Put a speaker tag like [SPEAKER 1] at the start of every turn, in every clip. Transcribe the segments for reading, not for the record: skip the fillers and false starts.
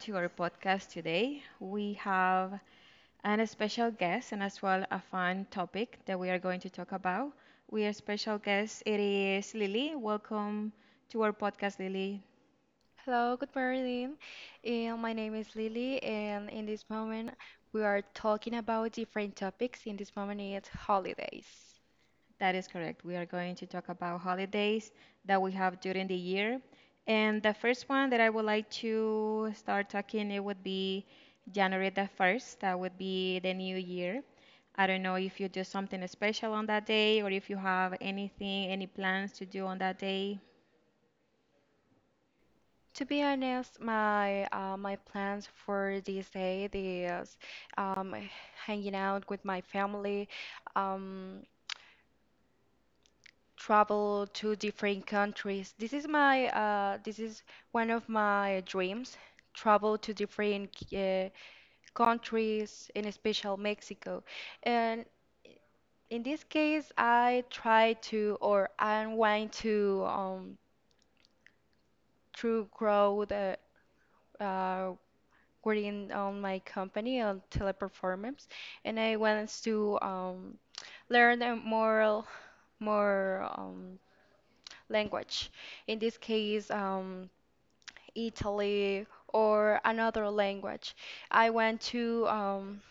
[SPEAKER 1] to our podcast today. We have an special guest and as well a fun topic that we are going to talk about. We are special guest. It is Lily. Welcome to our podcast, Lily.
[SPEAKER 2] Hello, good morning. My name is Lily, and in this moment, we are talking about different topics. In this moment, it's holidays.
[SPEAKER 1] That is correct. We are going to talk about holidays that we have during the year. And the first one that I would like to start talking, it would be January the 1st. That would be the new year. I don't know if you do something special on that day or if you have anything, any plans to do on that day.
[SPEAKER 2] To be honest, my my plans for this day is um, hanging out with my family, um, travel to different countries. This is my this is one of my dreams, travel to different uh, countries, in especially Mexico. And in this case, I try to or I'm going to to grow the uh within on my company on Teleperformance, and I want to learn a more language. In this case, Italy or another language. I want to um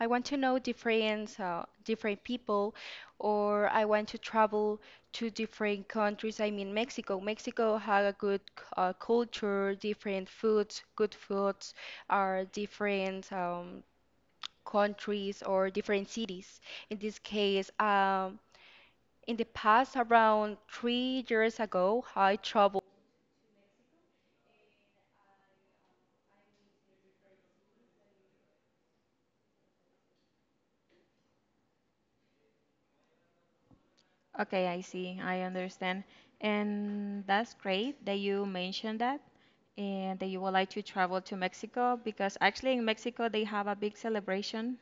[SPEAKER 2] I want to know different different people, or I want to travel to different countries. I mean, Mexico. Mexico has a good culture, different foods, good foods, are different countries or different cities. In this case, in the past, around 3 years ago, I traveled
[SPEAKER 1] Okay, I see. I understand. And that's great that you mentioned that and that you would like to travel to Mexico because actually in Mexico they have a big celebration.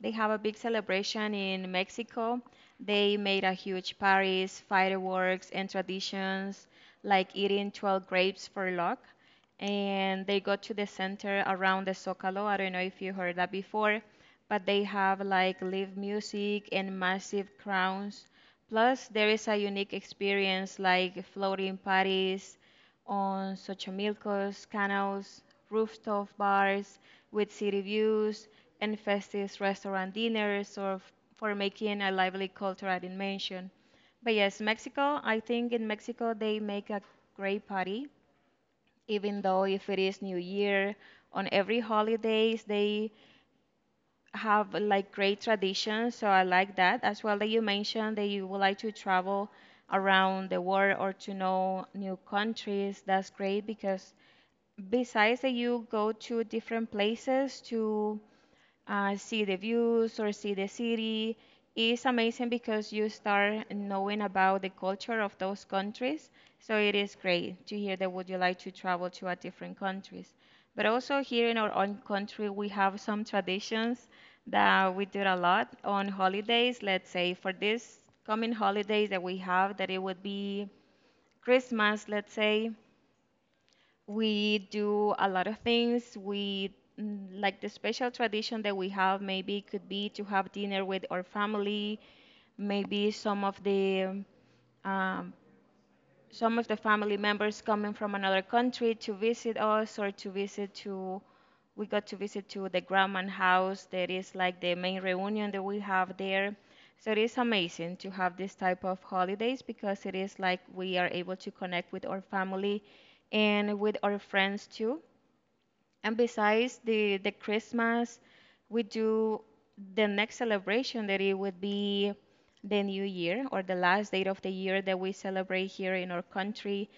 [SPEAKER 1] They have a big celebration in Mexico. They made a huge parties, fireworks, and traditions like eating 12 grapes for luck. And they go to the center around the Zócalo. I don't know if you heard that before, but they have like live music and massive crowns. Plus, there is a unique experience like floating parties on such a milkos, canals, rooftop bars with city views, and festive restaurant dinners, or for making a lively cultural dimension. But yes, Mexico, I think in Mexico they make a great party, even though if it is New Year, on every holidays they have like great traditions. So I like that as well that you mentioned that you would like to travel around the world or to know new countries. That's great because besides that, you go to different places to see the views or see the city. It's amazing because you start knowing about the culture of those countries. So it is great to hear that would you like to travel to a different countries. But also here in our own country, we have some traditions that we do a lot on holidays. Let's say for this coming holidays that we have, that it would be Christmas, let's say. We do a lot of things. We like the special tradition that we have maybe it could be to have dinner with our family, maybe um, some of the family members coming from another country to visit us or to visit to we got to visit to the grandma house that is like the main reunion that we have there. So it is amazing to have this type of holidays because it is like we are able to connect with our family and with our friends too. And besides the Christmas, we do the next celebration that it would be the New Year or the last date of the year that we celebrate here in our country.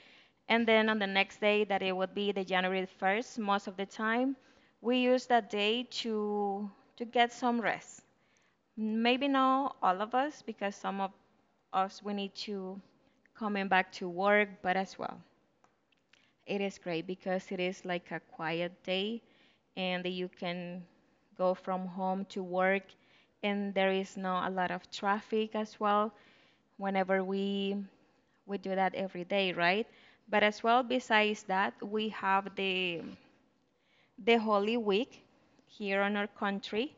[SPEAKER 1] And then on the next day, that it would be the January 1st, most of the time, we use that day to get some rest. Maybe not all of us, because some of us we need to coming back to work, but as well. It is great because it is like a quiet day and you can go from home to work and there is not a lot of traffic as well whenever we do that every day, right? But as well besides that, we have the Holy Week here in our country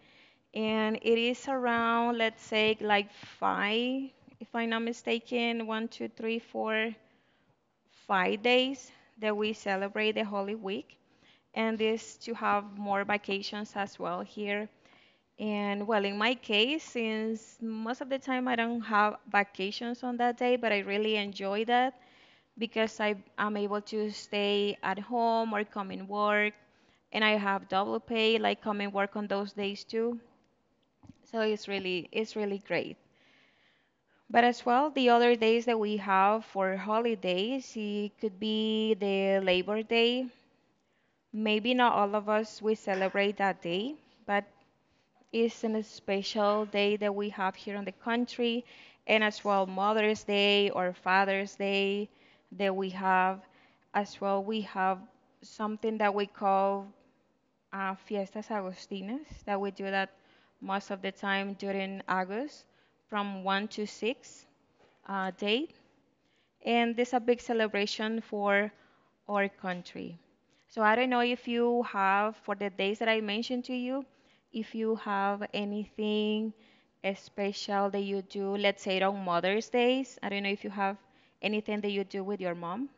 [SPEAKER 1] and it is around let's say like five if I'm not mistaken, one, two, three, four, five days that we celebrate the Holy Week, and this to have more vacations as well here. And well, in my case, since most of the time I don't have vacations on that day, but I really enjoy that because I am able to stay at home or come and work, and I have double pay, like come and work on those days too. So it's really great. But as well, the other days that we have for holidays, it could be the Labor Day. Maybe not all of us we celebrate that day, but it's an special day that we have here in the country, and as well Mother's Day or Father's Day that we have. As well, we have something that we call Fiestas Agostinas that we do that most of the time during August from 1 to 6 date. And this is a big celebration for our country. So I don't know if you have, for the days that I mentioned to you, if you have anything special that you do, let's say on Mother's Day, I don't know if you have anything that you do with your mom.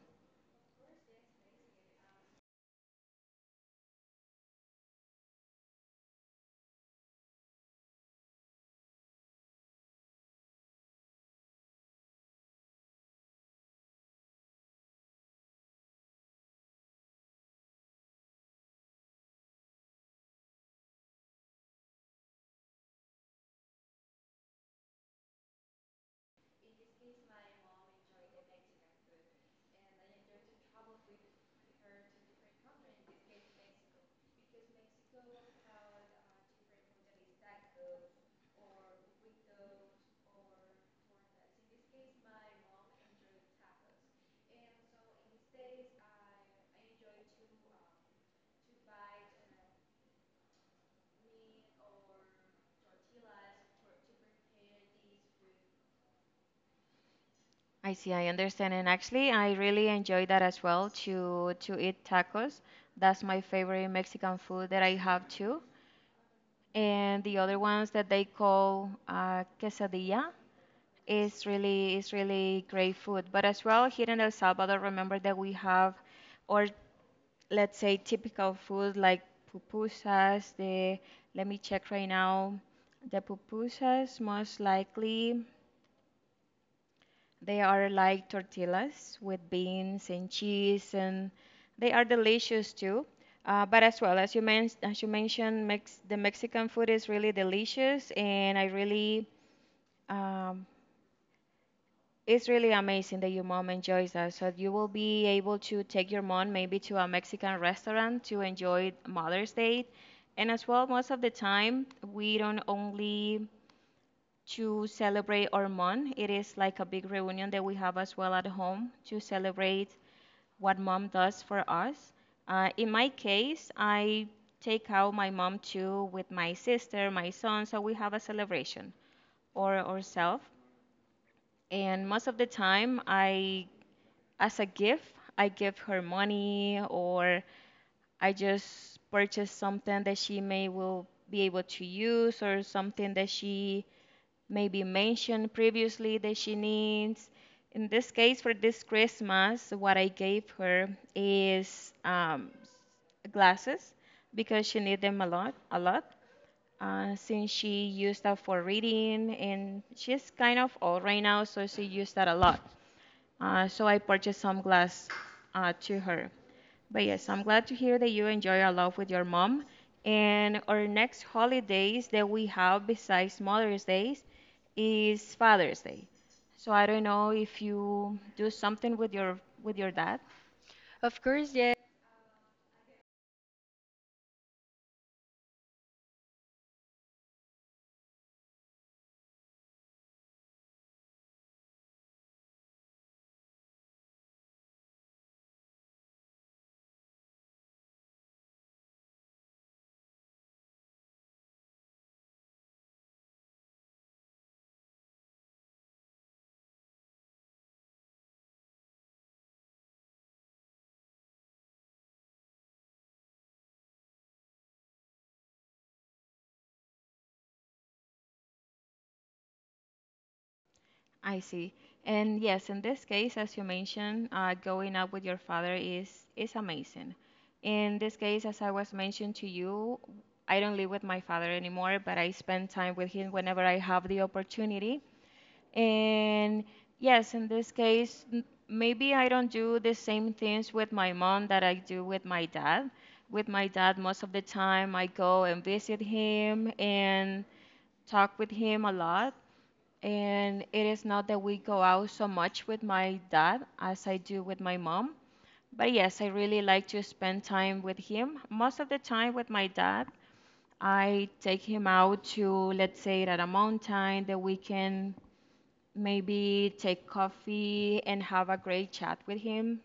[SPEAKER 1] I see, I understand. And actually, I really enjoy that as well to eat tacos. That's my favorite Mexican food that I have too. And the other ones that they call quesadilla is really great food. But as well here in El Salvador, remember that we have or let's say typical food like pupusas. The let me check right now. The pupusas most likely. They are like tortillas with beans and cheese, and they are delicious too. But as well as you as you mentioned, the Mexican food is really delicious, and I really um, it's really amazing that your mom enjoys that. So you will be able to take your mom maybe to a Mexican restaurant to enjoy Mother's Day, and as well, most of the time we don't only to celebrate our mom. It is like a big reunion that we have as well at home to celebrate what mom does for us. In my case, I take out my mom too with my sister, my son, so we have a celebration or ourselves. And most of the time, I, as a gift, I give her money or I just purchase something that she may will be able to use or something that she maybe mentioned previously that she needs. In this case, for this Christmas, what I gave her is glasses because she needs them a lot, a lot. Since she used that for reading and she's kind of old right now, so she used that a lot. So I purchased some glass to her. But
[SPEAKER 2] Great,
[SPEAKER 1] yes,
[SPEAKER 2] I'm
[SPEAKER 1] I'm
[SPEAKER 2] glad
[SPEAKER 1] glad to
[SPEAKER 2] to hear
[SPEAKER 1] hear that
[SPEAKER 2] that
[SPEAKER 1] you
[SPEAKER 2] you're well
[SPEAKER 1] enjoy a
[SPEAKER 2] along
[SPEAKER 1] lot
[SPEAKER 2] with
[SPEAKER 1] with
[SPEAKER 2] your
[SPEAKER 1] your
[SPEAKER 2] mom.
[SPEAKER 1] mom.
[SPEAKER 2] And
[SPEAKER 1] And
[SPEAKER 2] our
[SPEAKER 1] our next
[SPEAKER 2] next holiday
[SPEAKER 1] holidays
[SPEAKER 2] that
[SPEAKER 1] that
[SPEAKER 2] we
[SPEAKER 1] we
[SPEAKER 2] have
[SPEAKER 1] have
[SPEAKER 2] besides
[SPEAKER 1] besides
[SPEAKER 2] Mother's
[SPEAKER 1] Mother's
[SPEAKER 2] Day
[SPEAKER 1] Day
[SPEAKER 2] is
[SPEAKER 1] is
[SPEAKER 2] Father's
[SPEAKER 1] Father's
[SPEAKER 2] Day.
[SPEAKER 1] Day. So
[SPEAKER 2] So I
[SPEAKER 1] I don't
[SPEAKER 2] don't
[SPEAKER 1] know
[SPEAKER 2] know if
[SPEAKER 1] if
[SPEAKER 2] you
[SPEAKER 1] you
[SPEAKER 2] do
[SPEAKER 1] do
[SPEAKER 2] something
[SPEAKER 1] something
[SPEAKER 2] with
[SPEAKER 1] with your
[SPEAKER 2] your dad.
[SPEAKER 1] dad.
[SPEAKER 2] Of course, yes.
[SPEAKER 1] I see. And yes, in this case, as you mentioned, going up with your father is amazing. In this case, as I was mentioned to you, I don't live with my father anymore, but I spend time with him whenever I have the opportunity. And yes, in this case, maybe I don't do the same things with my mom that I do with my dad. With my dad, most of the time I go and visit him and talk with him a lot. And it is not that we go out so much with my dad as I do with my mom. But yes, I really like to spend time with him. Most of the time with my dad, I take him out to, let's say, at a mountain, the weekend maybe take coffee and have a great chat with him.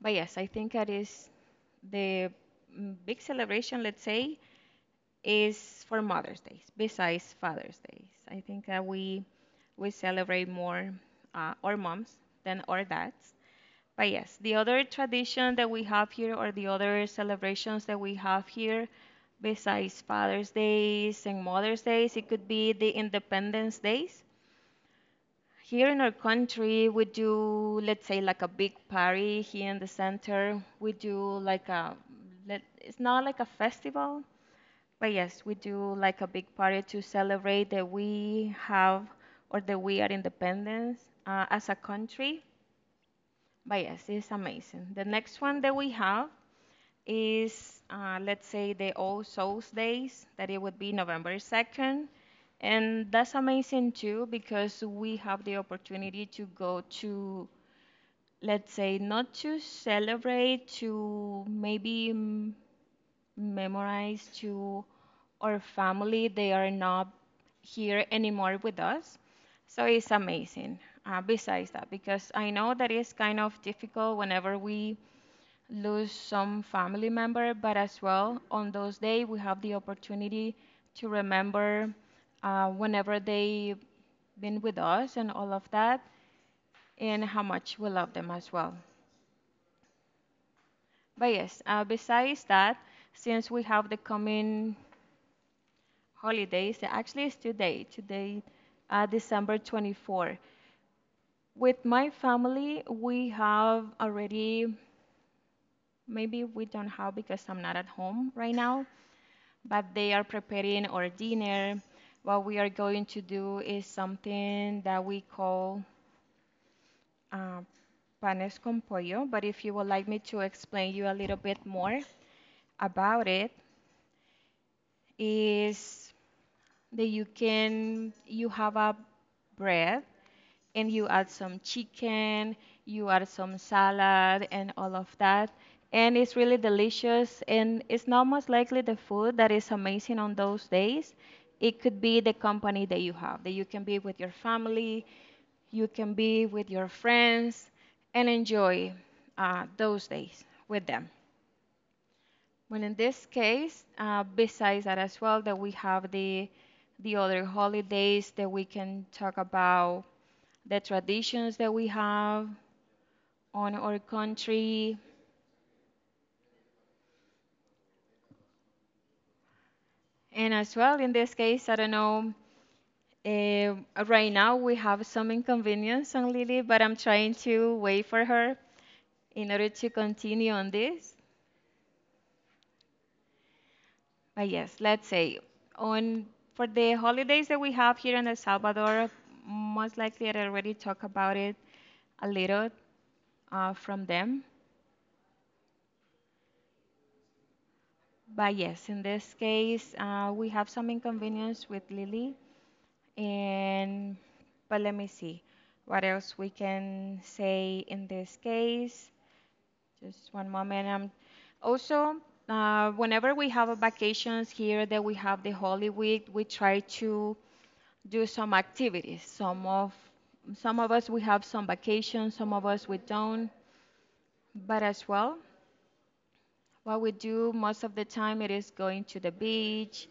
[SPEAKER 1] But yes, I think that is the big celebration, let's say, is for Mother's Day, besides Father's Day. I think that we celebrate more our moms than our dads. But yes, the other tradition that we have here, or the other celebrations that we have here, besides Father's Days and Mother's Days, it could be the Independence Days. Here in our country, we do, let's say, like a big party here in the center. We do like a, let, it's not like a festival, but yes, we do like a big party to celebrate that we have or that we are independence as a country. But yes, it's amazing. The next one that we have is, let's say, the All Souls Days, that it would be November 2nd. And that's amazing too because we have the opportunity to go to, let's say, not to celebrate, to maybe memorize to our family. They are not here anymore with us. So it's amazing. Besides that, because I know that it's kind of difficult whenever we lose some family member, but as well on those days we have the opportunity to remember whenever they been with us and all of that, and how much we love them as well. But yes, besides that, since we have the coming holidays, actually it's today, December 24. With my family, we have already, maybe we don't have because I'm not at home right now, but they are preparing our dinner. What we are going to do is something that we call uh, panes con pollo. But if you would like me to explain you a little bit more about it, is that you have a bread and you add some chicken, you add some salad and all of that. And it's really delicious, and it's not most likely the food that is amazing on those days. It could be the company that you have, that you can be with your family, you can be with your friends and enjoy those days with them. Well, in this case, besides that as well, that we have the other holidays that we can talk about the traditions that we have on our country, and as well in this case, I don't know. eh, right now we have some inconvenience on Lily, but I'm trying to wait for her in order to continue on this. But yes, let's say on for the holidays that we have here in El Salvador, most likely I already talked about it a little from them. But yes, in this case, we have some inconvenience with Lily, and but let me see what else we can say in this case. Just one moment. Also, whenever we have a vacations here that we have the Holy Week, we try to do some activities. Some of us we have some vacations, some of us we don't. But as well, what we do most of the time it is going to the beach.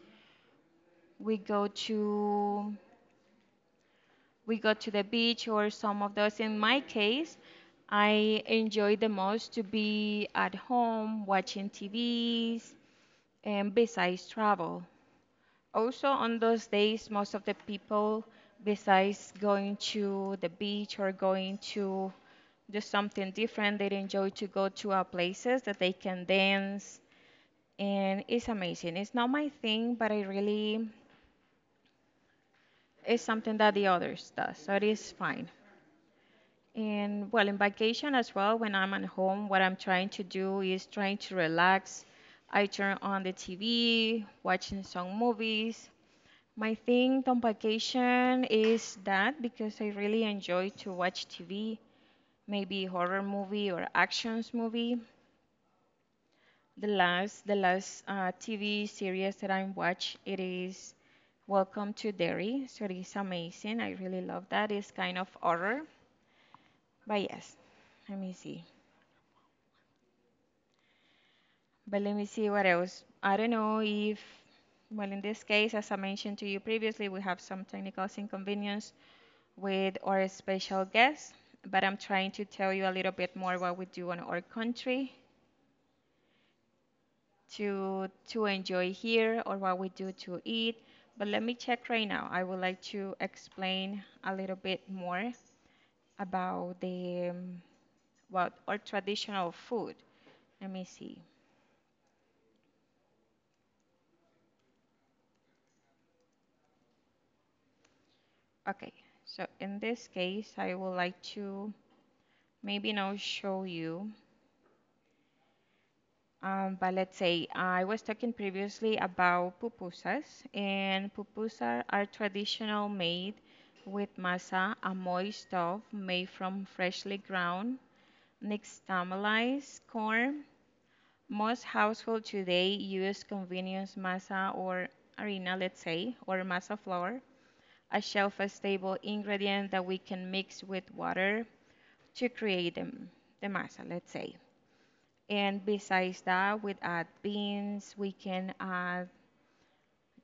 [SPEAKER 1] We go to we go to the beach or some of those. In my case, I enjoy the most to be at home watching TVs and besides travel. Also, on those days, most of the people, besides going to the beach or going to do something different, they enjoy to go to our places that they can dance. And it's amazing. It's not my thing, but I really, it's something that the others does. So it is fine. And well, in vacation as well, when I'm at home, what I'm trying to do is trying to relax. I turn on the TV, watching some movies. My thing on vacation is that because I really enjoy to watch TV, maybe horror movie or actions movie. The last TV series that I watch it is Welcome to Derry. So it is amazing. I really love that. It's kind of horror, but yes. Let me see. But let me see what else. I don't know if, well, in this case, as I mentioned to you previously, we have some technical inconvenience with our special guest, but I'm trying to tell you a little bit more what we do in our country to enjoy here or what we do to eat. But let me check right now. I would like to explain a little bit more about the what our traditional food. Let me see. Okay. So in this case, I would like to maybe now show you. But let's say I was talking previously about pupusas, and pupusas are traditional made with masa, a moist dough made from freshly ground nixtamalized corn. Most households today use convenience masa or harina, let's say, or masa flour, a shelf-stable ingredient that we can mix with water to create them, the masa, let's say. And besides that, we add beans, we can add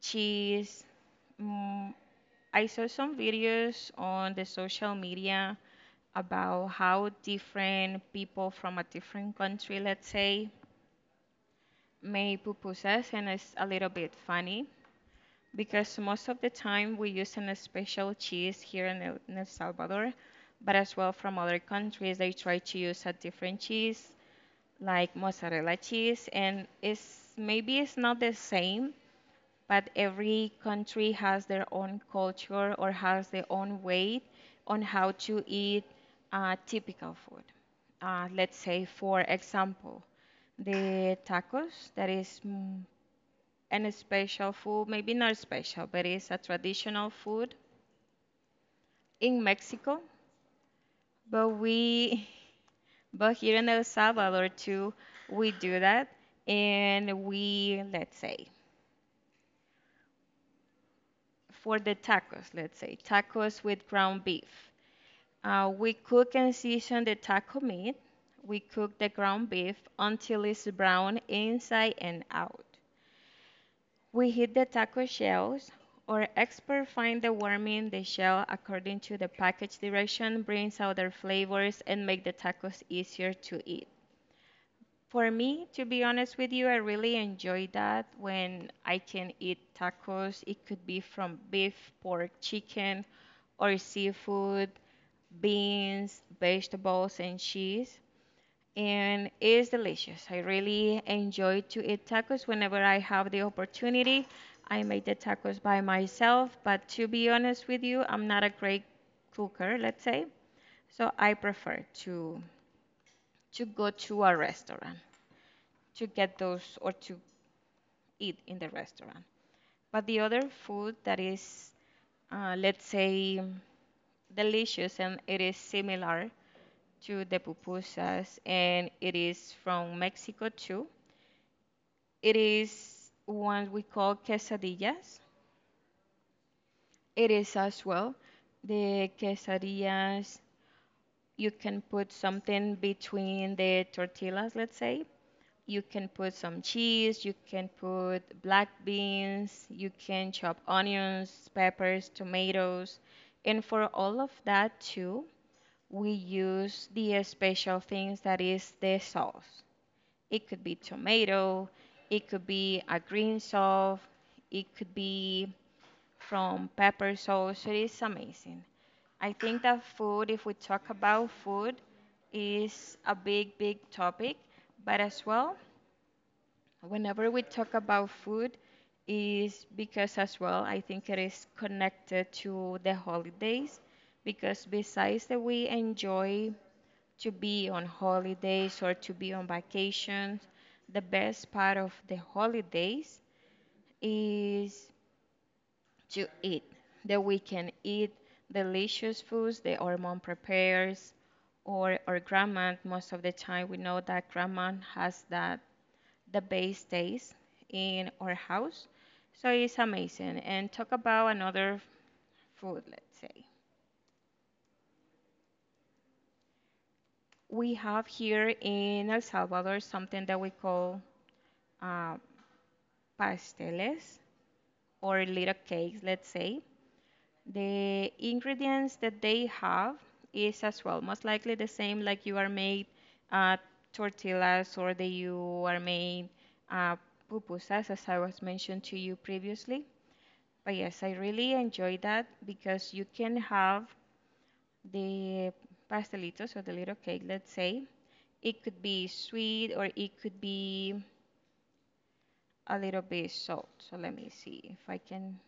[SPEAKER 1] cheese. Mm, I saw some videos on the social media about how different people from a different country, let's say, make pupusas, and it's a little bit funny because most of the time we use an special cheese here in El Salvador, but as well from other countries, they try to use a different cheese like mozzarella cheese, and it's maybe it's not the same, but every country has their own culture or has their own way on how to eat typical food, let's say for example the tacos that is an special food, maybe not special, but it's a traditional food in Mexico, but we But here in El Salvador too, we do that, and we let's say for the tacos, let's say tacos with ground beef. We cook and season the taco meat. We cook the ground beef until it's brown inside and out. We heat the taco shells, or experts find that warming the shell according to the package direction brings out their flavors and make the tacos easier to eat. For me, to be honest with you, I really enjoy that when I can eat tacos. It could be from beef, pork, chicken, or seafood, beans, vegetables, and cheese. And it's delicious. I really enjoy to eat tacos whenever I have the opportunity. I make the tacos by myself, but to be honest with you, I'm not a great cooker, let's say. So I prefer to go to a restaurant to get those or to eat in the restaurant. But the other food that is, let's say, delicious and it is similar to the pupusas and it is from Mexico too. It is one we call quesadillas. It is as well the quesadillas. You can put something between the tortillas, let's say. You can put some cheese, you can put black beans, you can chop onions, peppers, tomatoes. And for all of that too, we use the special things that is the sauce. It could be tomato, it could be a green sauce, it could be from pepper sauce. It is amazing. I think that food, if we talk about food, is a big, big topic. But as well, whenever we talk about food, is because as well, I think it is connected to the holidays. Because besides that, we enjoy to be on holidays or to be on vacations, the best part of the holidays is to eat. That we can eat delicious foods that our mom prepares or our grandma. Most of the time, we know that grandma has that the base taste in our house. So it's amazing. And talk about another food, let's say. We have here in El Salvador something that we call uh, pasteles or little cakes, let's say. The ingredients that they have is as well most likely the same like you are made uh, tortillas or that you are made uh, pupusas as I was mentioned to you previously. But yes, I really enjoy that because you can have the pastelitos or the little cake, let's say. It could be sweet or it could be a little bit salt. So let me see if I can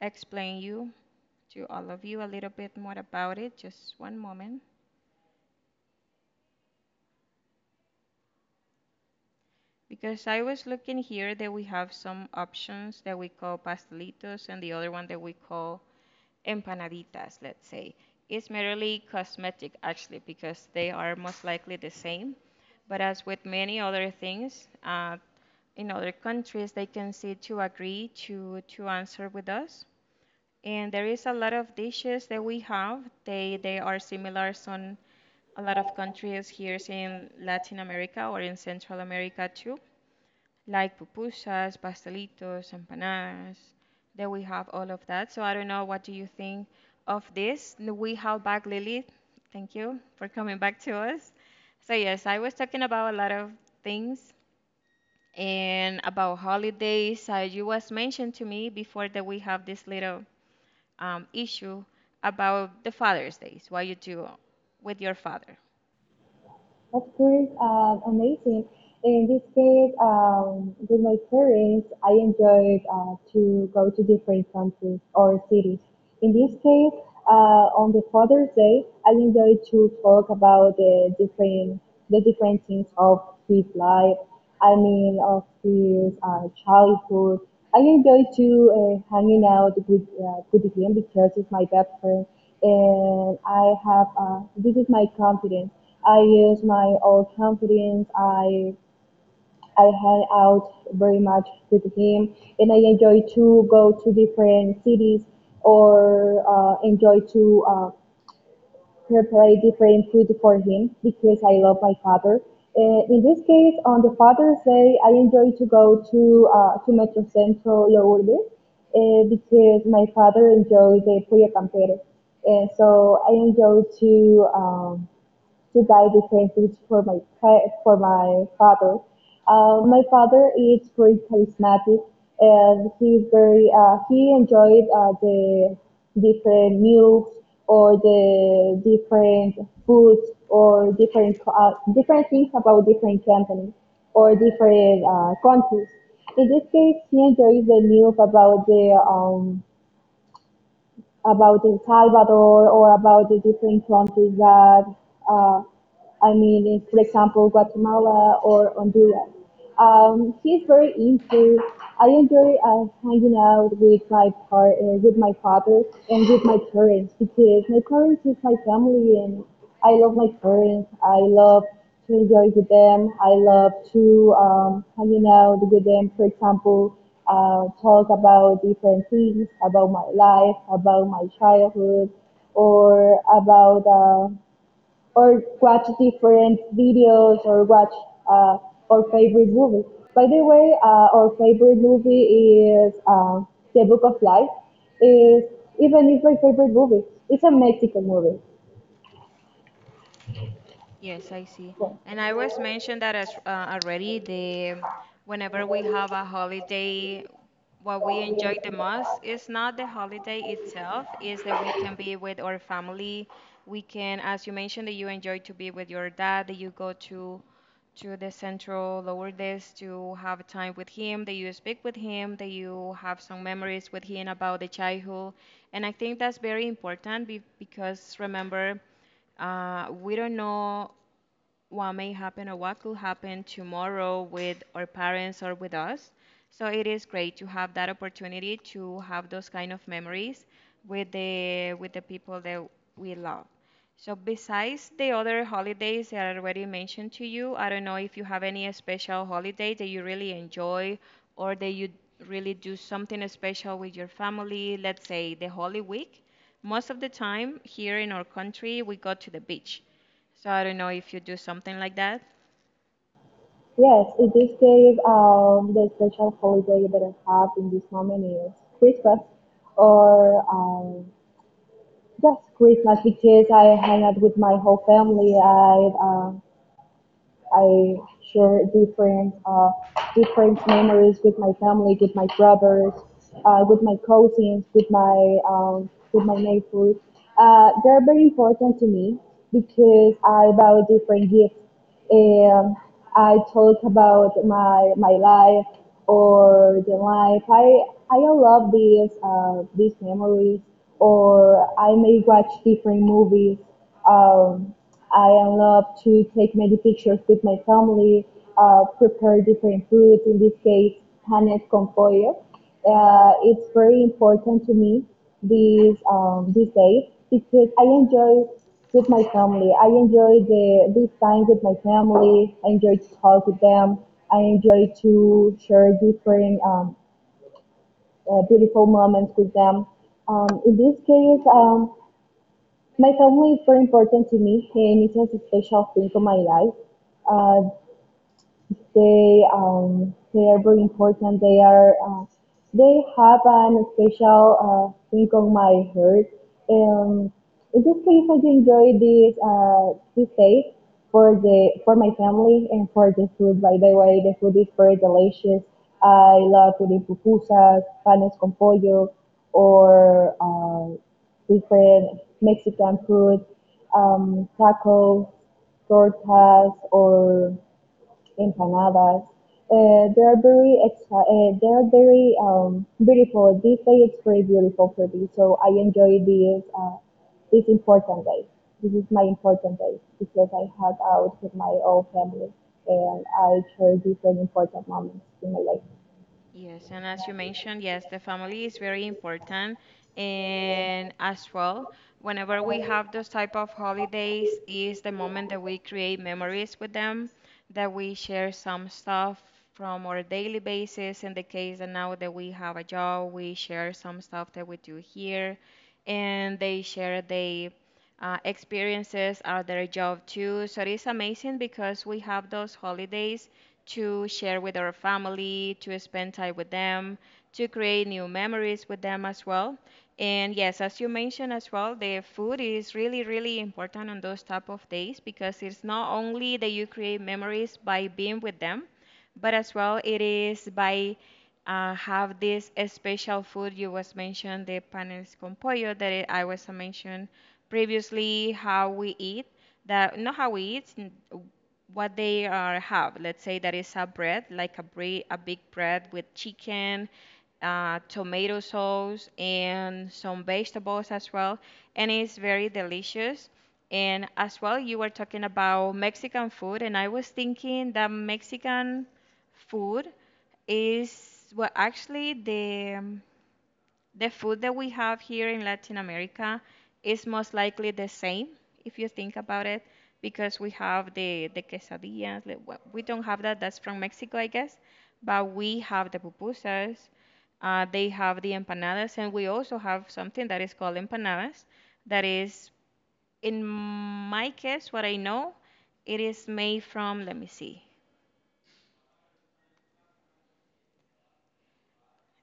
[SPEAKER 1] explain you to all of you a little bit more about it. Just one moment. Because I was looking here that we have some options that we call pastelitos and the other one that we call empanaditas, let's say. It's merely cosmetic actually because they are most likely the same. But as with many other things, in other countries, they can see to agree to answer with us, and there is a lot of dishes that we have. They are similar on a lot of countries here in Latin America or in Central America too, like pupusas, pastelitos, empanadas. That we have all of that. So I don't know what do you think of this. We have back Lily. Thank you for coming back to us. So yes, I was talking about a lot of things and about holidays. You was mentioned to me before that we have this little issue about the Father's Day, what you do with your father.
[SPEAKER 2] Of course, amazing. In this case, with my parents, I enjoyed to go to different countries or cities. In this case, on the Father's Day, I enjoyed to talk about the different things of his life. I mean, of his childhood. I enjoy to hanging out with him because he's my best friend, and I have this is my confidence. I use my old confidence. I hang out very much with him, and I enjoy to go to different cities or enjoy to prepare different food for him because I love my father. In this case, on the Father's Day, I enjoy to go to Metro Centro Lourdes because my father enjoys the pollo campero, and so I enjoy to buy different things for my for my father. My father is very charismatic, and he's very he enjoyed the different meals or the different foods or different different things about different companies or different countries. In this case, he enjoys the news about the about El Salvador or about the different countries that. Uh, I mean, in, for example, Guatemala or Honduras. He's very into. I enjoy hanging out with my with my father and with my parents because my parents is my family and I love my parents. I love to enjoy with them. I love to hanging out with them. For example, talk about different things about my life, about my childhood, or about or watch different videos or watch uh, our favorite movie. By the way, our favorite movie is The Book of Life. Is even if my favorite movie, it's a Mexican movie.
[SPEAKER 1] Yes, I see.
[SPEAKER 2] So,
[SPEAKER 1] And I was mentioned that as already the whenever we have a holiday, what we enjoy the most is not the holiday itself, is that we can be with our family. We can, as you mentioned, that you enjoy to be with your dad, that you go to the central lower desk to have time with him, that you speak with him, that you have some memories with him about the childhood. And I think that's very important be because remember. We don't know what may happen or what could happen tomorrow with our parents or with us. So it is great to have that opportunity to have those kind of memories with the people that we love. So besides the other holidays that I already mentioned to you, I don't know if you have any special holiday that you really enjoy or that you really do something special with your family, let's say the Holy Week. Most of the time here in our country, we go to the beach. So I don't know if you do something like that.
[SPEAKER 2] yes, in this case, the special holiday that I have in this moment is Christmas, or just Christmas because I hang out with my whole family. Um, I share different different memories with my family, with my brothers, with my cousins, with my neighbors. They're very important to me because I buy different gifts. Um, I talk about my life or the life. I love these memories. Or I may watch different movies. Um, I love to take many pictures with my family, prepare different foods, in this case, panes con pollo. It's very important to me these days because I enjoy with my family. I enjoy the this time with my family. I enjoy to talk with them. I enjoy to share different beautiful moments with them. In this case, my family is very important to me, and it's a special thing for my life. Uh, they they are very important. They are they have an special thing on my heart. Um, in this case, I enjoy this this day for the for my family and for the food. By the way, the food is very delicious. I love eating pupusas, panes con pollo, or different Mexican food, tacos, tortas, or empanadas. They are very they are very beautiful. This day is very beautiful for me, so I enjoy this this important day. This is my important day because I hang out with my own family and I share different important moments in my life.
[SPEAKER 1] Yes, and as you mentioned, yes, the family is very important. And as well, whenever we have those type of holidays, is the moment that we create memories with them, that we share some stuff from our daily basis. In the case that now that we have a job, we share some stuff that we do here, and they share they experiences are their job too. So it is amazing because we have those holidays to share with our family, to spend time with them, to create new memories with them as well. And yes, as you mentioned as well, the food is really, really important on those type of days because it's not only that you create memories by being with them, but as well it is by have this special food you was mentioned the panes con pollo that it, I was mentioned previously how we eat that not how we eat what they are have. Let's say that is a bread, like a bread, a big bread with chicken, tomato sauce, and some vegetables as well, and it's very delicious. And as well, you were talking about Mexican food, and I was thinking that Mexican food is, well, actually the food that we have here in Latin America is most likely the same if you think about it, because we have the quesadillas, like, we don't have that, that's from Mexico I guess, but we have the pupusas. Uh, they have the empanadas, and we also have something that is called empanadas that is, in my case, what I know, it is made from, let me see.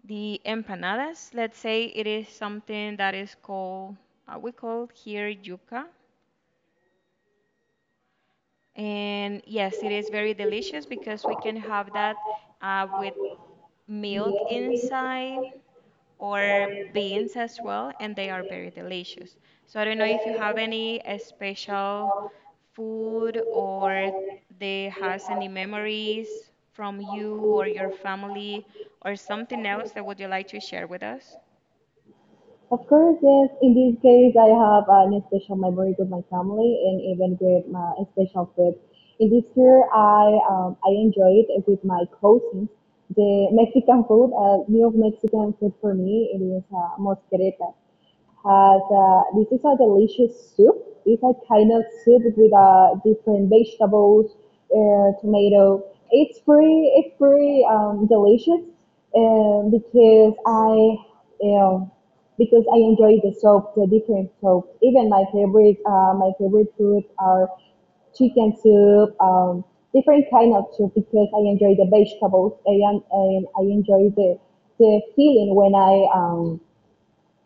[SPEAKER 1] The empanadas, let's say, it is something that is called, we call here yuca. And yes, it is very delicious because we can have that with milk inside or beans as well, and they are very delicious. So I don't know if you have any special food or they has any memories from you or your family or something else that would you like to share with us
[SPEAKER 2] Of course, yes. In this case, I have an special memory with my family and even with my special food. In this year, I enjoyed it with my cousins the Mexican food, new Mexican food for me. It is mosquereta. Has this is a delicious soup. It's a kind of soup with different vegetables, tomato. It's pretty delicious, because I you know because I enjoy the soup, the different soup. Even my favorite food are chicken soup, different kind of soup because I enjoy the vegetables and I enjoy the feeling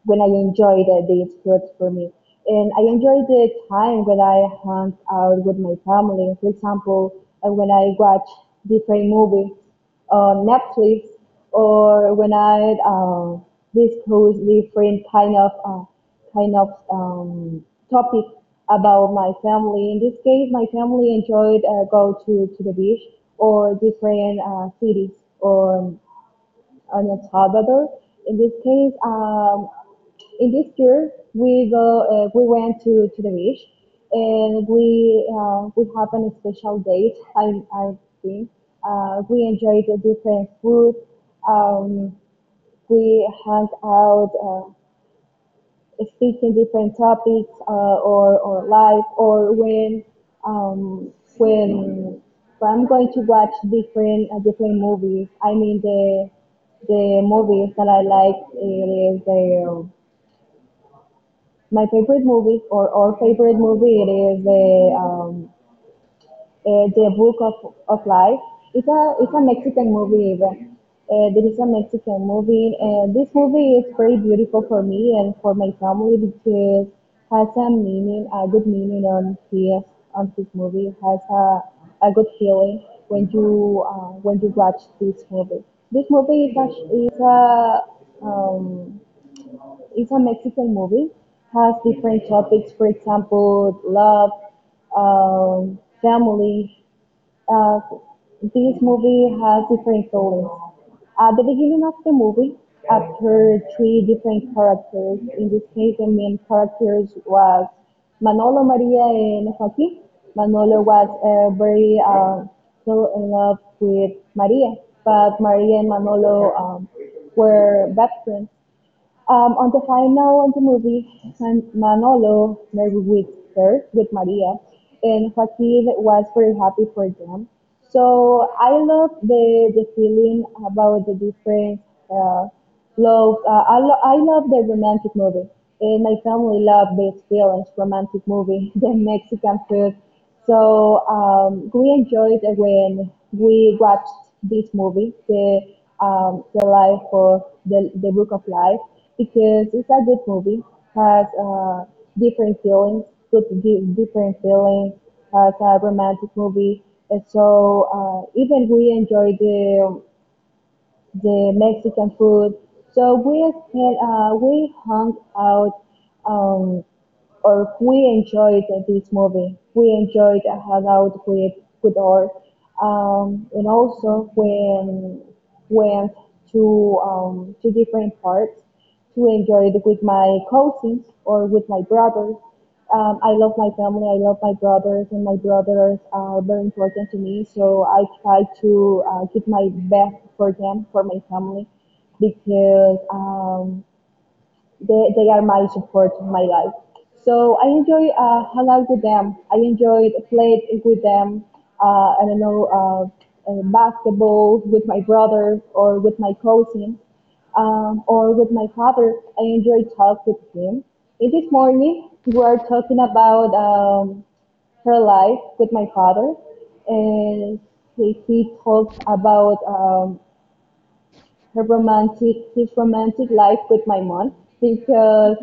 [SPEAKER 2] when I enjoy the day it's good for me. And I enjoy the time when I hang out with my family. For example, when I watch different movies on Netflix, or when I discuss different kind of topic about my family. In this case, my family enjoyed go to the beach or different cities or on El Salvador. In this case, in this year, we go, we went to the beach and we have a special date, I think. We enjoyed the different food. Um, we hung out, uh, speaking different topics or live or when I'm going to watch different different movies. I mean the movies that I like it is the my favorite movies or our favorite movie it is the Book of Life. It's a Mexican movie even. There is a Mexican movie. This movie is very beautiful for me and for my family because has a meaning, a good meaning on his on this movie. Has a good feeling when you watch this movie. This movie is a, is a um, it's a Mexican movie. Has different topics, for example, love, family, uh, this movie has different goals. At the beginning of the movie, appear three different characters. In this case, the main characters was Manolo, Maria, and Joaquin. Manolo was very so in love with Maria, but Maria and Manolo were best friends. On the final of the movie, Manolo married with her, with Maria, and Joaquin was very happy for them. So I love the feeling about the different uh, love. I love the romantic movie, and my family love the experience romantic movie, the Mexican food, so we enjoyed when we watched this movie, the life or the book of life, because it's a good movie. Has different feelings, good different feelings. Has a romantic movie, and so even we enjoyed the Mexican food. So we spent, we hung out. Um, or we enjoyed this movie. We enjoyed a hangout with her, and also when went to different parts to enjoy it with my cousins or with my brothers. I love my family. I love my brothers, and my brothers are very important to me. So I try to give my best for them, for my family, because they are my support in my life. So I enjoy hang out with them. I enjoyed played with them. I don't know basketball with my brother or with my cousin or with my father. I enjoy talk with him. And this morning we are talking about her life with my father, and he talked about her romantic his romantic life with my mom because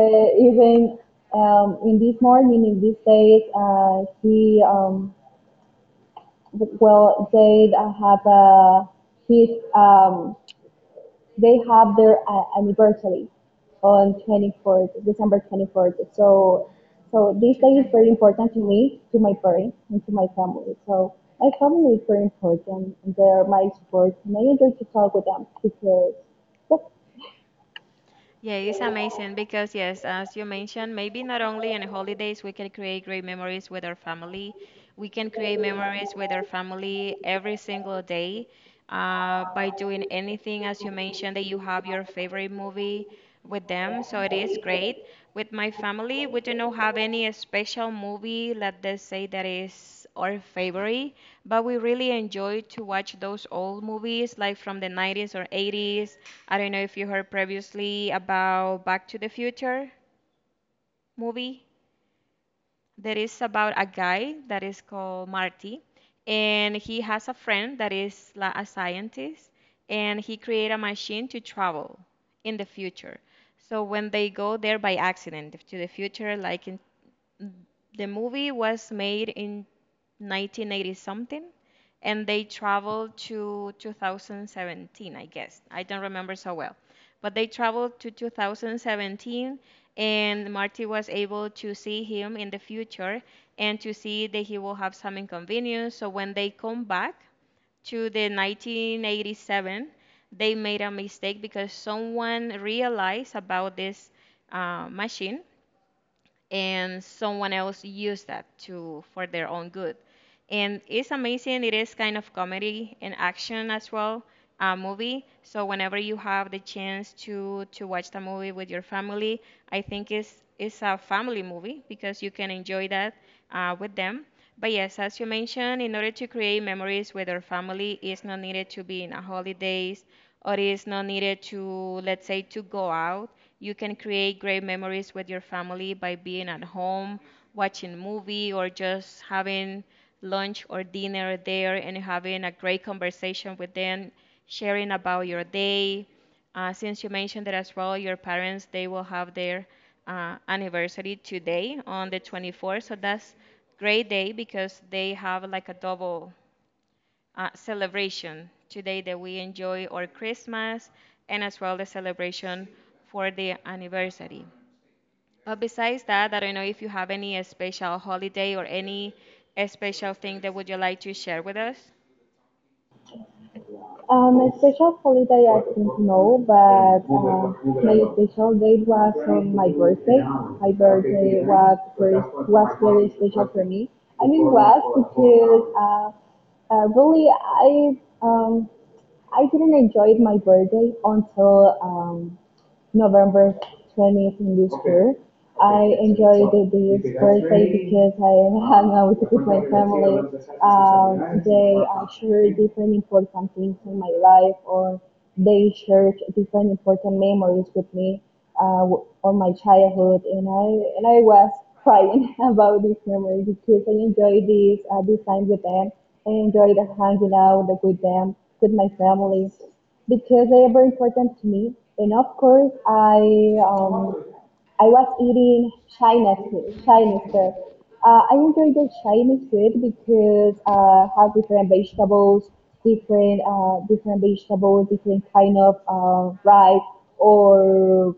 [SPEAKER 2] even in this morning in these days he well they have a his um, they have their anniversary on 24th December 24th, so so this day is
[SPEAKER 1] today?
[SPEAKER 2] very important to me to my parents and to my family so my family is very important and they're my support and I enjoy to talk with them because that's
[SPEAKER 1] Yeah, it's amazing because, yes, as you mentioned, maybe not only on holidays we can create great memories with our family, we can create memories with our family every single day by doing anything, as you mentioned, that you have your favorite movie with them. So it is great. With my family, we do not have any special movie, let us say, that is our favorite, but we really enjoy to watch those old movies like from the 90s or 80s. I don't know if you heard previously about Back to the Future movie. There is about a guy that is called Marty, and he has a friend that is like a scientist, and he created a machine to travel in the future. So when they go there by accident to the future, like in the movie was made in 1980 something and they traveled to 2017, I guess, I don't remember so well, but they traveled to 2017, and Marty was able to see him in the future and to see that he will have some inconvenience. So when they come back to the 1987, they made a mistake because someone realized about this machine, and someone else used that to for their own good, and it's amazing. It is kind of comedy and action as well, a movie. So whenever you have the chance to watch the movie with your family, I think it's a family movie because you can enjoy that with them. But yes, as you mentioned, in order to create memories with our family, it's not needed to be in a holidays or it's not needed to, let's say, to go out. You can create great memories with your family by being at home, watching movie, or just having lunch or dinner there and having a great conversation with them, sharing about your day. Since you mentioned that as well, your parents they will have their anniversary today on the 24th, so that's great day because they have like a double celebration today that we enjoy our Christmas and as well the celebration for the anniversary. But besides that, I don't know if you have any special holiday or any special thing that would you like to share with us?
[SPEAKER 2] A special holiday I think no, but my special date was on my birthday. My birthday was was very special for me. I mean was because really um, I didn't enjoy my birthday until November 20th in this year. I enjoyed the this birthday because I hung out with my we're gonna see family. What the sacrifice is. They share different important things in my life, or they share different important memories with me on my childhood, and I was crying about these memories because I enjoyed this time with them. I enjoyed hanging out with them, with my family because they are very important to me. And of course, um, I was eating Chinese food, Chinese food. I enjoy the Chinese food because have different vegetables, different vegetables, different kind of rice or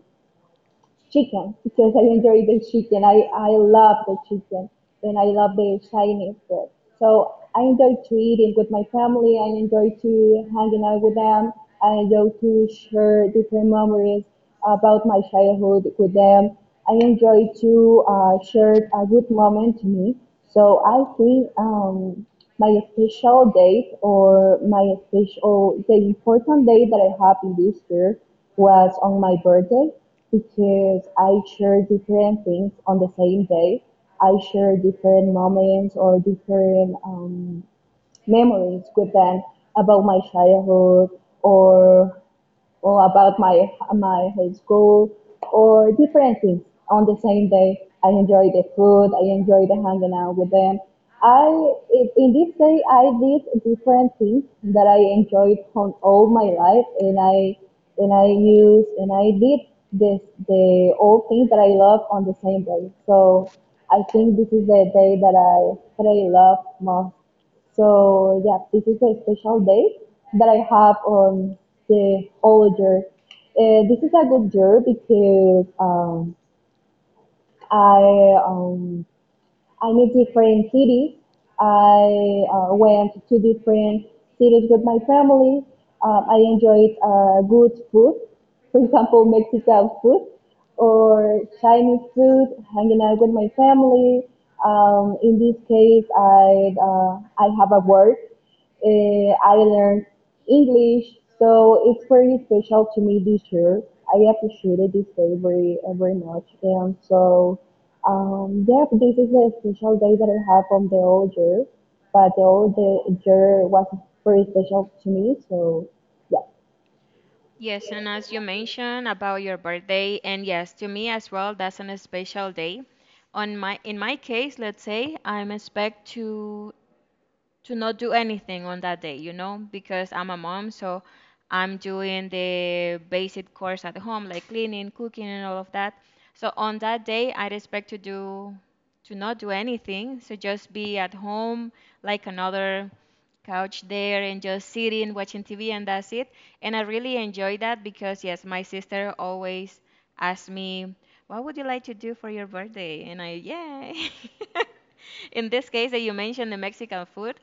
[SPEAKER 2] chicken because I enjoy the chicken. I love the chicken and I love the Chinese food. So I enjoy to eating with my family. I enjoy to hanging out with them. I enjoy to share different memories about my childhood with them. I enjoy to share a good moment to me. So I think my special date or my special, the important day that I have in this year was on my birthday because I share different things on the same day. I share different moments or different memories with them about my childhood or or about my high school or different things on the same day. I enjoy the food. I enjoy the hanging out with them. I in this day I did different things that I enjoyed from all my life, and I used and I did this the all things that I love on the same day. So I think this is the day that I love most. So yeah, this is a special day that I have on the old year. This is a good year because I um, I need different cities. I went to different cities with my family. I enjoyed good food, for example, Mexican food or Chinese food, hanging out with my family. In this case, I have a work. I learned English, so it's very special to me this year. I appreciated this day very, very much. And so yeah, this is the special day that I have from the old year, but the year was very special to me. So, yeah,
[SPEAKER 1] Yes, and as you mentioned about your birthday, and yes, to me as well, that's an special day. On my, in my case, let's say I'm expect to not do anything on that day, you know, because I'm a mom, so I'm doing the basic chores at home, like cleaning, cooking, and all of that. So on that day, I'd expect to do to not do anything, so just be at home, like another couch there, and just sitting, watching TV, and that's it. And I really enjoy that because yes, my sister always asks me, "What would you like to do for your birthday?" And I, yeah. In this case that you mentioned the Mexican food,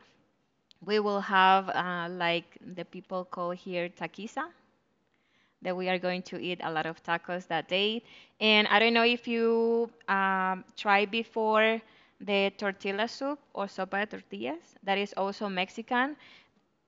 [SPEAKER 1] we will have like the people call here taquiza, that we are going to eat a lot of tacos that day. And I don't know if you tried before the tortilla soup or sopa de tortillas, that is also Mexican.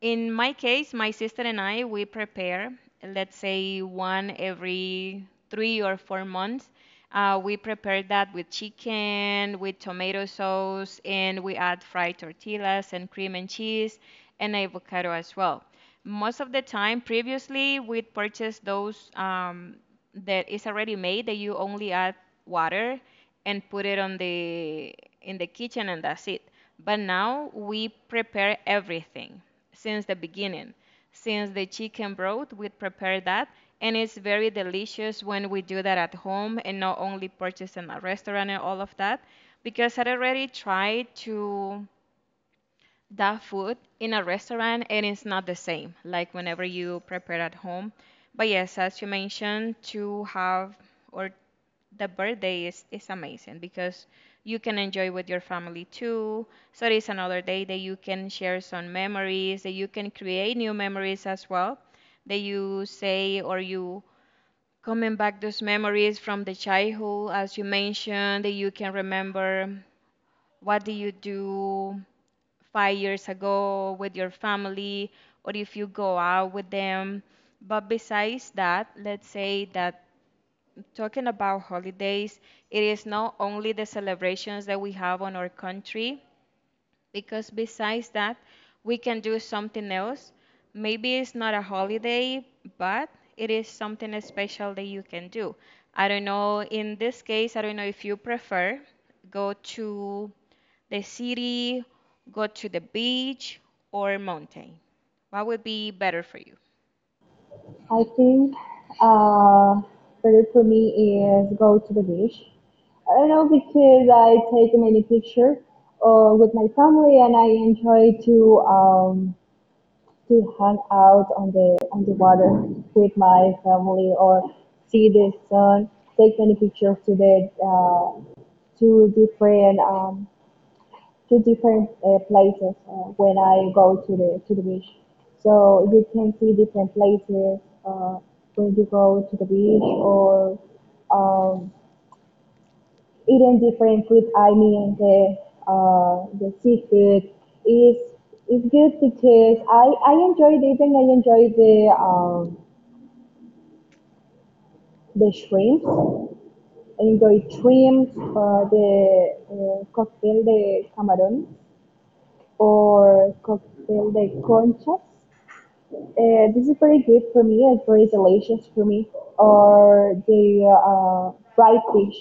[SPEAKER 1] In my case, my sister and I, we prepare, let's say one every 3 or 4 months. We prepare that with chicken, with tomato sauce, and we add fried tortillas and cream and cheese and avocado as well. Most of the time, previously, we'd purchase those that is already made that you only add water and put it on the in the kitchen and that's it. But now we prepare everything since the beginning. Since the chicken broth, we prepare that and it's very delicious when we do that at home and not only purchase in a restaurant and all of that because I already tried to that food in a restaurant, it is not the same like whenever you prepare at home. But yes, as you mentioned, to have or the birthday is amazing because you can enjoy with your family too, so it's another day that you can share some memories, that you can create new memories as well, that you say or you coming back those memories from the childhood as you mentioned, that you can remember what do you do 5 years ago with your family or if you go out with them. But besides that, let's say that talking about holidays, it is not only the celebrations that we have on our country, because besides that, we can do something else. Maybe it's not a holiday, but it is something special that you can do. I don't know, in this case, I don't know if you prefer go to the city, go to the beach, or mountain. What would be better for you?
[SPEAKER 2] I think uh, better for me is go to the beach. I don't know because I take many pictures with my family and I enjoy to hang out on the water with my family or see the sun, take many pictures to the two different um, two different places when I go to the beach. So you can see different places uh, when you go to the beach or um, eating different food, I mean the seafood is is good because I enjoyed even I enjoy the shrimps. I enjoy shrimps, the cocktail de camarón or cocktail de conchas. Uh, this is very good for me and very delicious for me. Or the fried fish,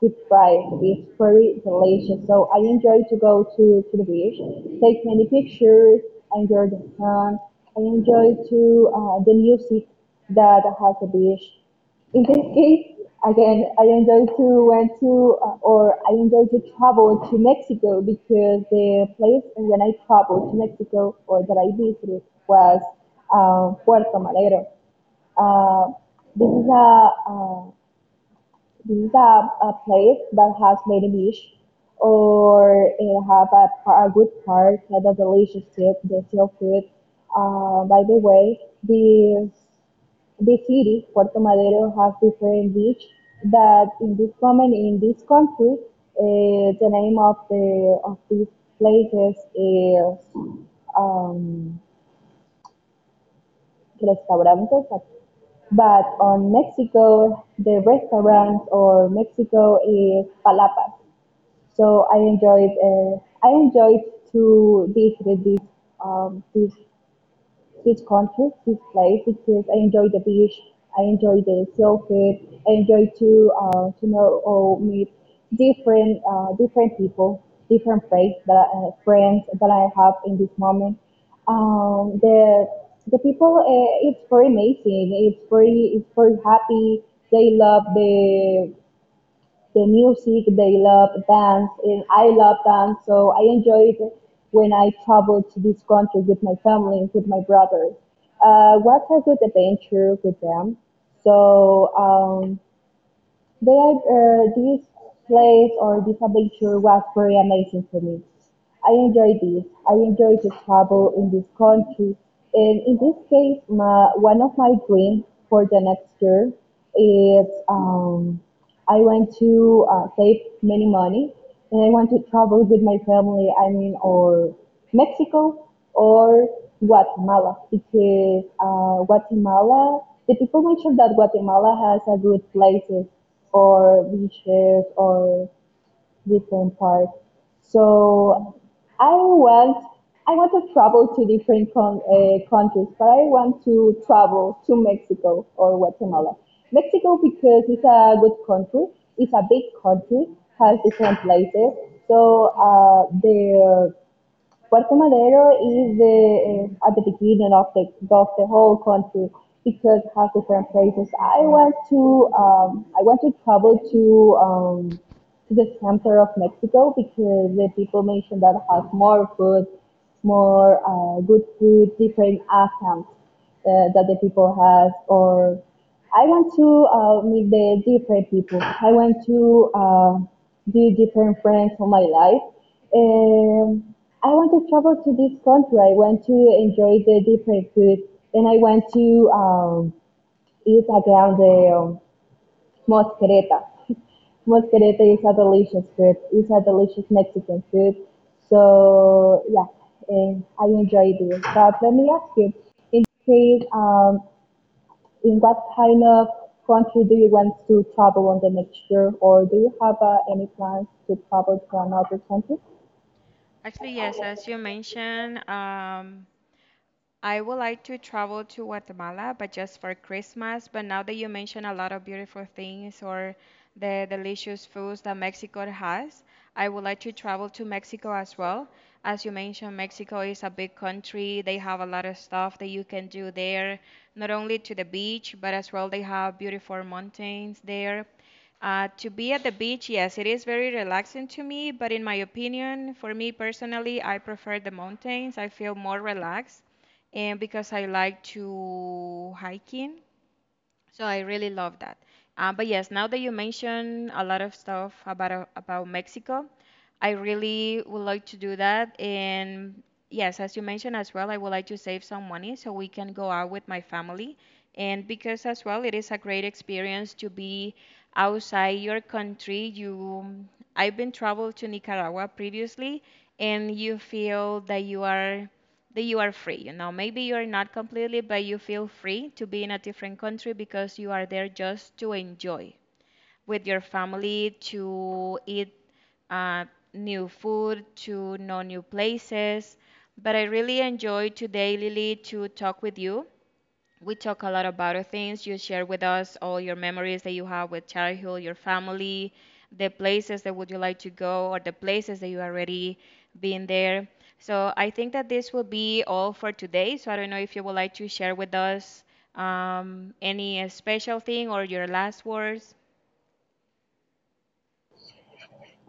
[SPEAKER 2] good fry, it's very delicious. So I enjoy to go to the beach, take many pictures, enjoy the sun. I enjoy to the music that has the beach in this case, again, I enjoy to went to or I enjoy to travel to Mexico because the place when I traveled to Mexico or that I visited was Puerto Madero. Uh, this is a these are a place that has many beach or it have a good park, have a delicious soup, the seafood. By the way, this city, Puerto Madero, has different beach that in this moment in this country, the name of these places is um, restaurantes but on Mexico, the restaurant or Mexico is palapas. So I enjoyed to visit this this these concerts, these plays, because I enjoy the beach, I enjoy the slow food, I enjoy to know or meet different different people, different friends that I have in this moment. Um, the the people, it's very amazing. It's very happy. They love the music. They love dance, and I love dance. So I enjoy it when I travel to this country with my family, with my brothers. What a good adventure with them. So their this place or this adventure was very amazing for me. I enjoyed this. I enjoyed to travel in this country, and in this case, one of my dreams for the next year is I want to save many money, and I want to travel with my family. I mean, or Mexico or Guatemala because Guatemala, the people mentioned that Guatemala has a good places or beaches or different parks. So I want I want to travel to different countries, but I want to travel to Mexico or Guatemala. Mexico because it's a good country, it's a big country, has different places. So
[SPEAKER 1] Yes.
[SPEAKER 2] the Puerto Madero is the, at the beginning of of the whole country because it has different places. I want to travel um, to the center of Mexico because the people mentioned that has more food, more good food, different accents that the people has. Or I want to meet the different people. I want to do different friends for my life um, I want to travel to this country. I want to enjoy the different food, and I want to um, eat again the mosquereta. Mosquereta is a delicious food. It's a delicious Mexican food. So yeah, and I enjoy this. But let me ask you, in case, in what kind of country do you want to travel on the next year, or do you have any plans to travel to another country?
[SPEAKER 1] Actually, yes, as you mentioned, I would like to travel to Guatemala, but just for Christmas. But now that you mentioned a lot of beautiful things or the delicious foods that Mexico has, I would like to travel to Mexico as well. As you mentioned, Mexico is a big country. They have a lot of stuff that you can do there, not only to the beach, but as well they have beautiful mountains there. To be at the beach, yes, it is very relaxing to me, but in my opinion, for me personally, I prefer the mountains. I feel more relaxed and because I like to hiking, so I really love that. But yes, now that you mention a lot of stuff about Mexico, I really would like to do that. And yes, as you mentioned as well, I would like to save some money so we can go out with my family. And because as well, it is a great experience to be outside your country. You, I've been traveled to Nicaragua previously, and you feel that you are free. You know, maybe you're not completely, but you feel free to be in a different country because you are there just to enjoy with your family, to eat uh, new food, to know new places. But I really enjoyed today, Lily, to talk with you. We talk a lot about other things. You share with us all your memories that you have with childhood, your family, the places that would you like to go, or the places that you already been there. So I think that this will be all for today. So I don't know if you would like to share with us any special thing or your last words.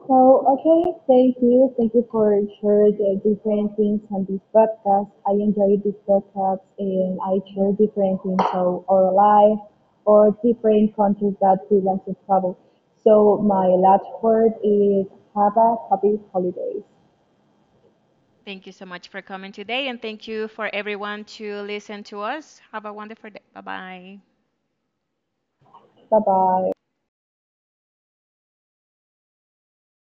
[SPEAKER 2] So, okay, thank you. Thank you for sharing the different things on this podcast. I enjoy this podcast and I share different things of our life or different countries that we want to travel. So, my last word is have a happy holidays.
[SPEAKER 1] Thank you so much for coming today, and thank you for everyone to listen to us. Have a wonderful day. Bye bye.
[SPEAKER 2] Bye bye.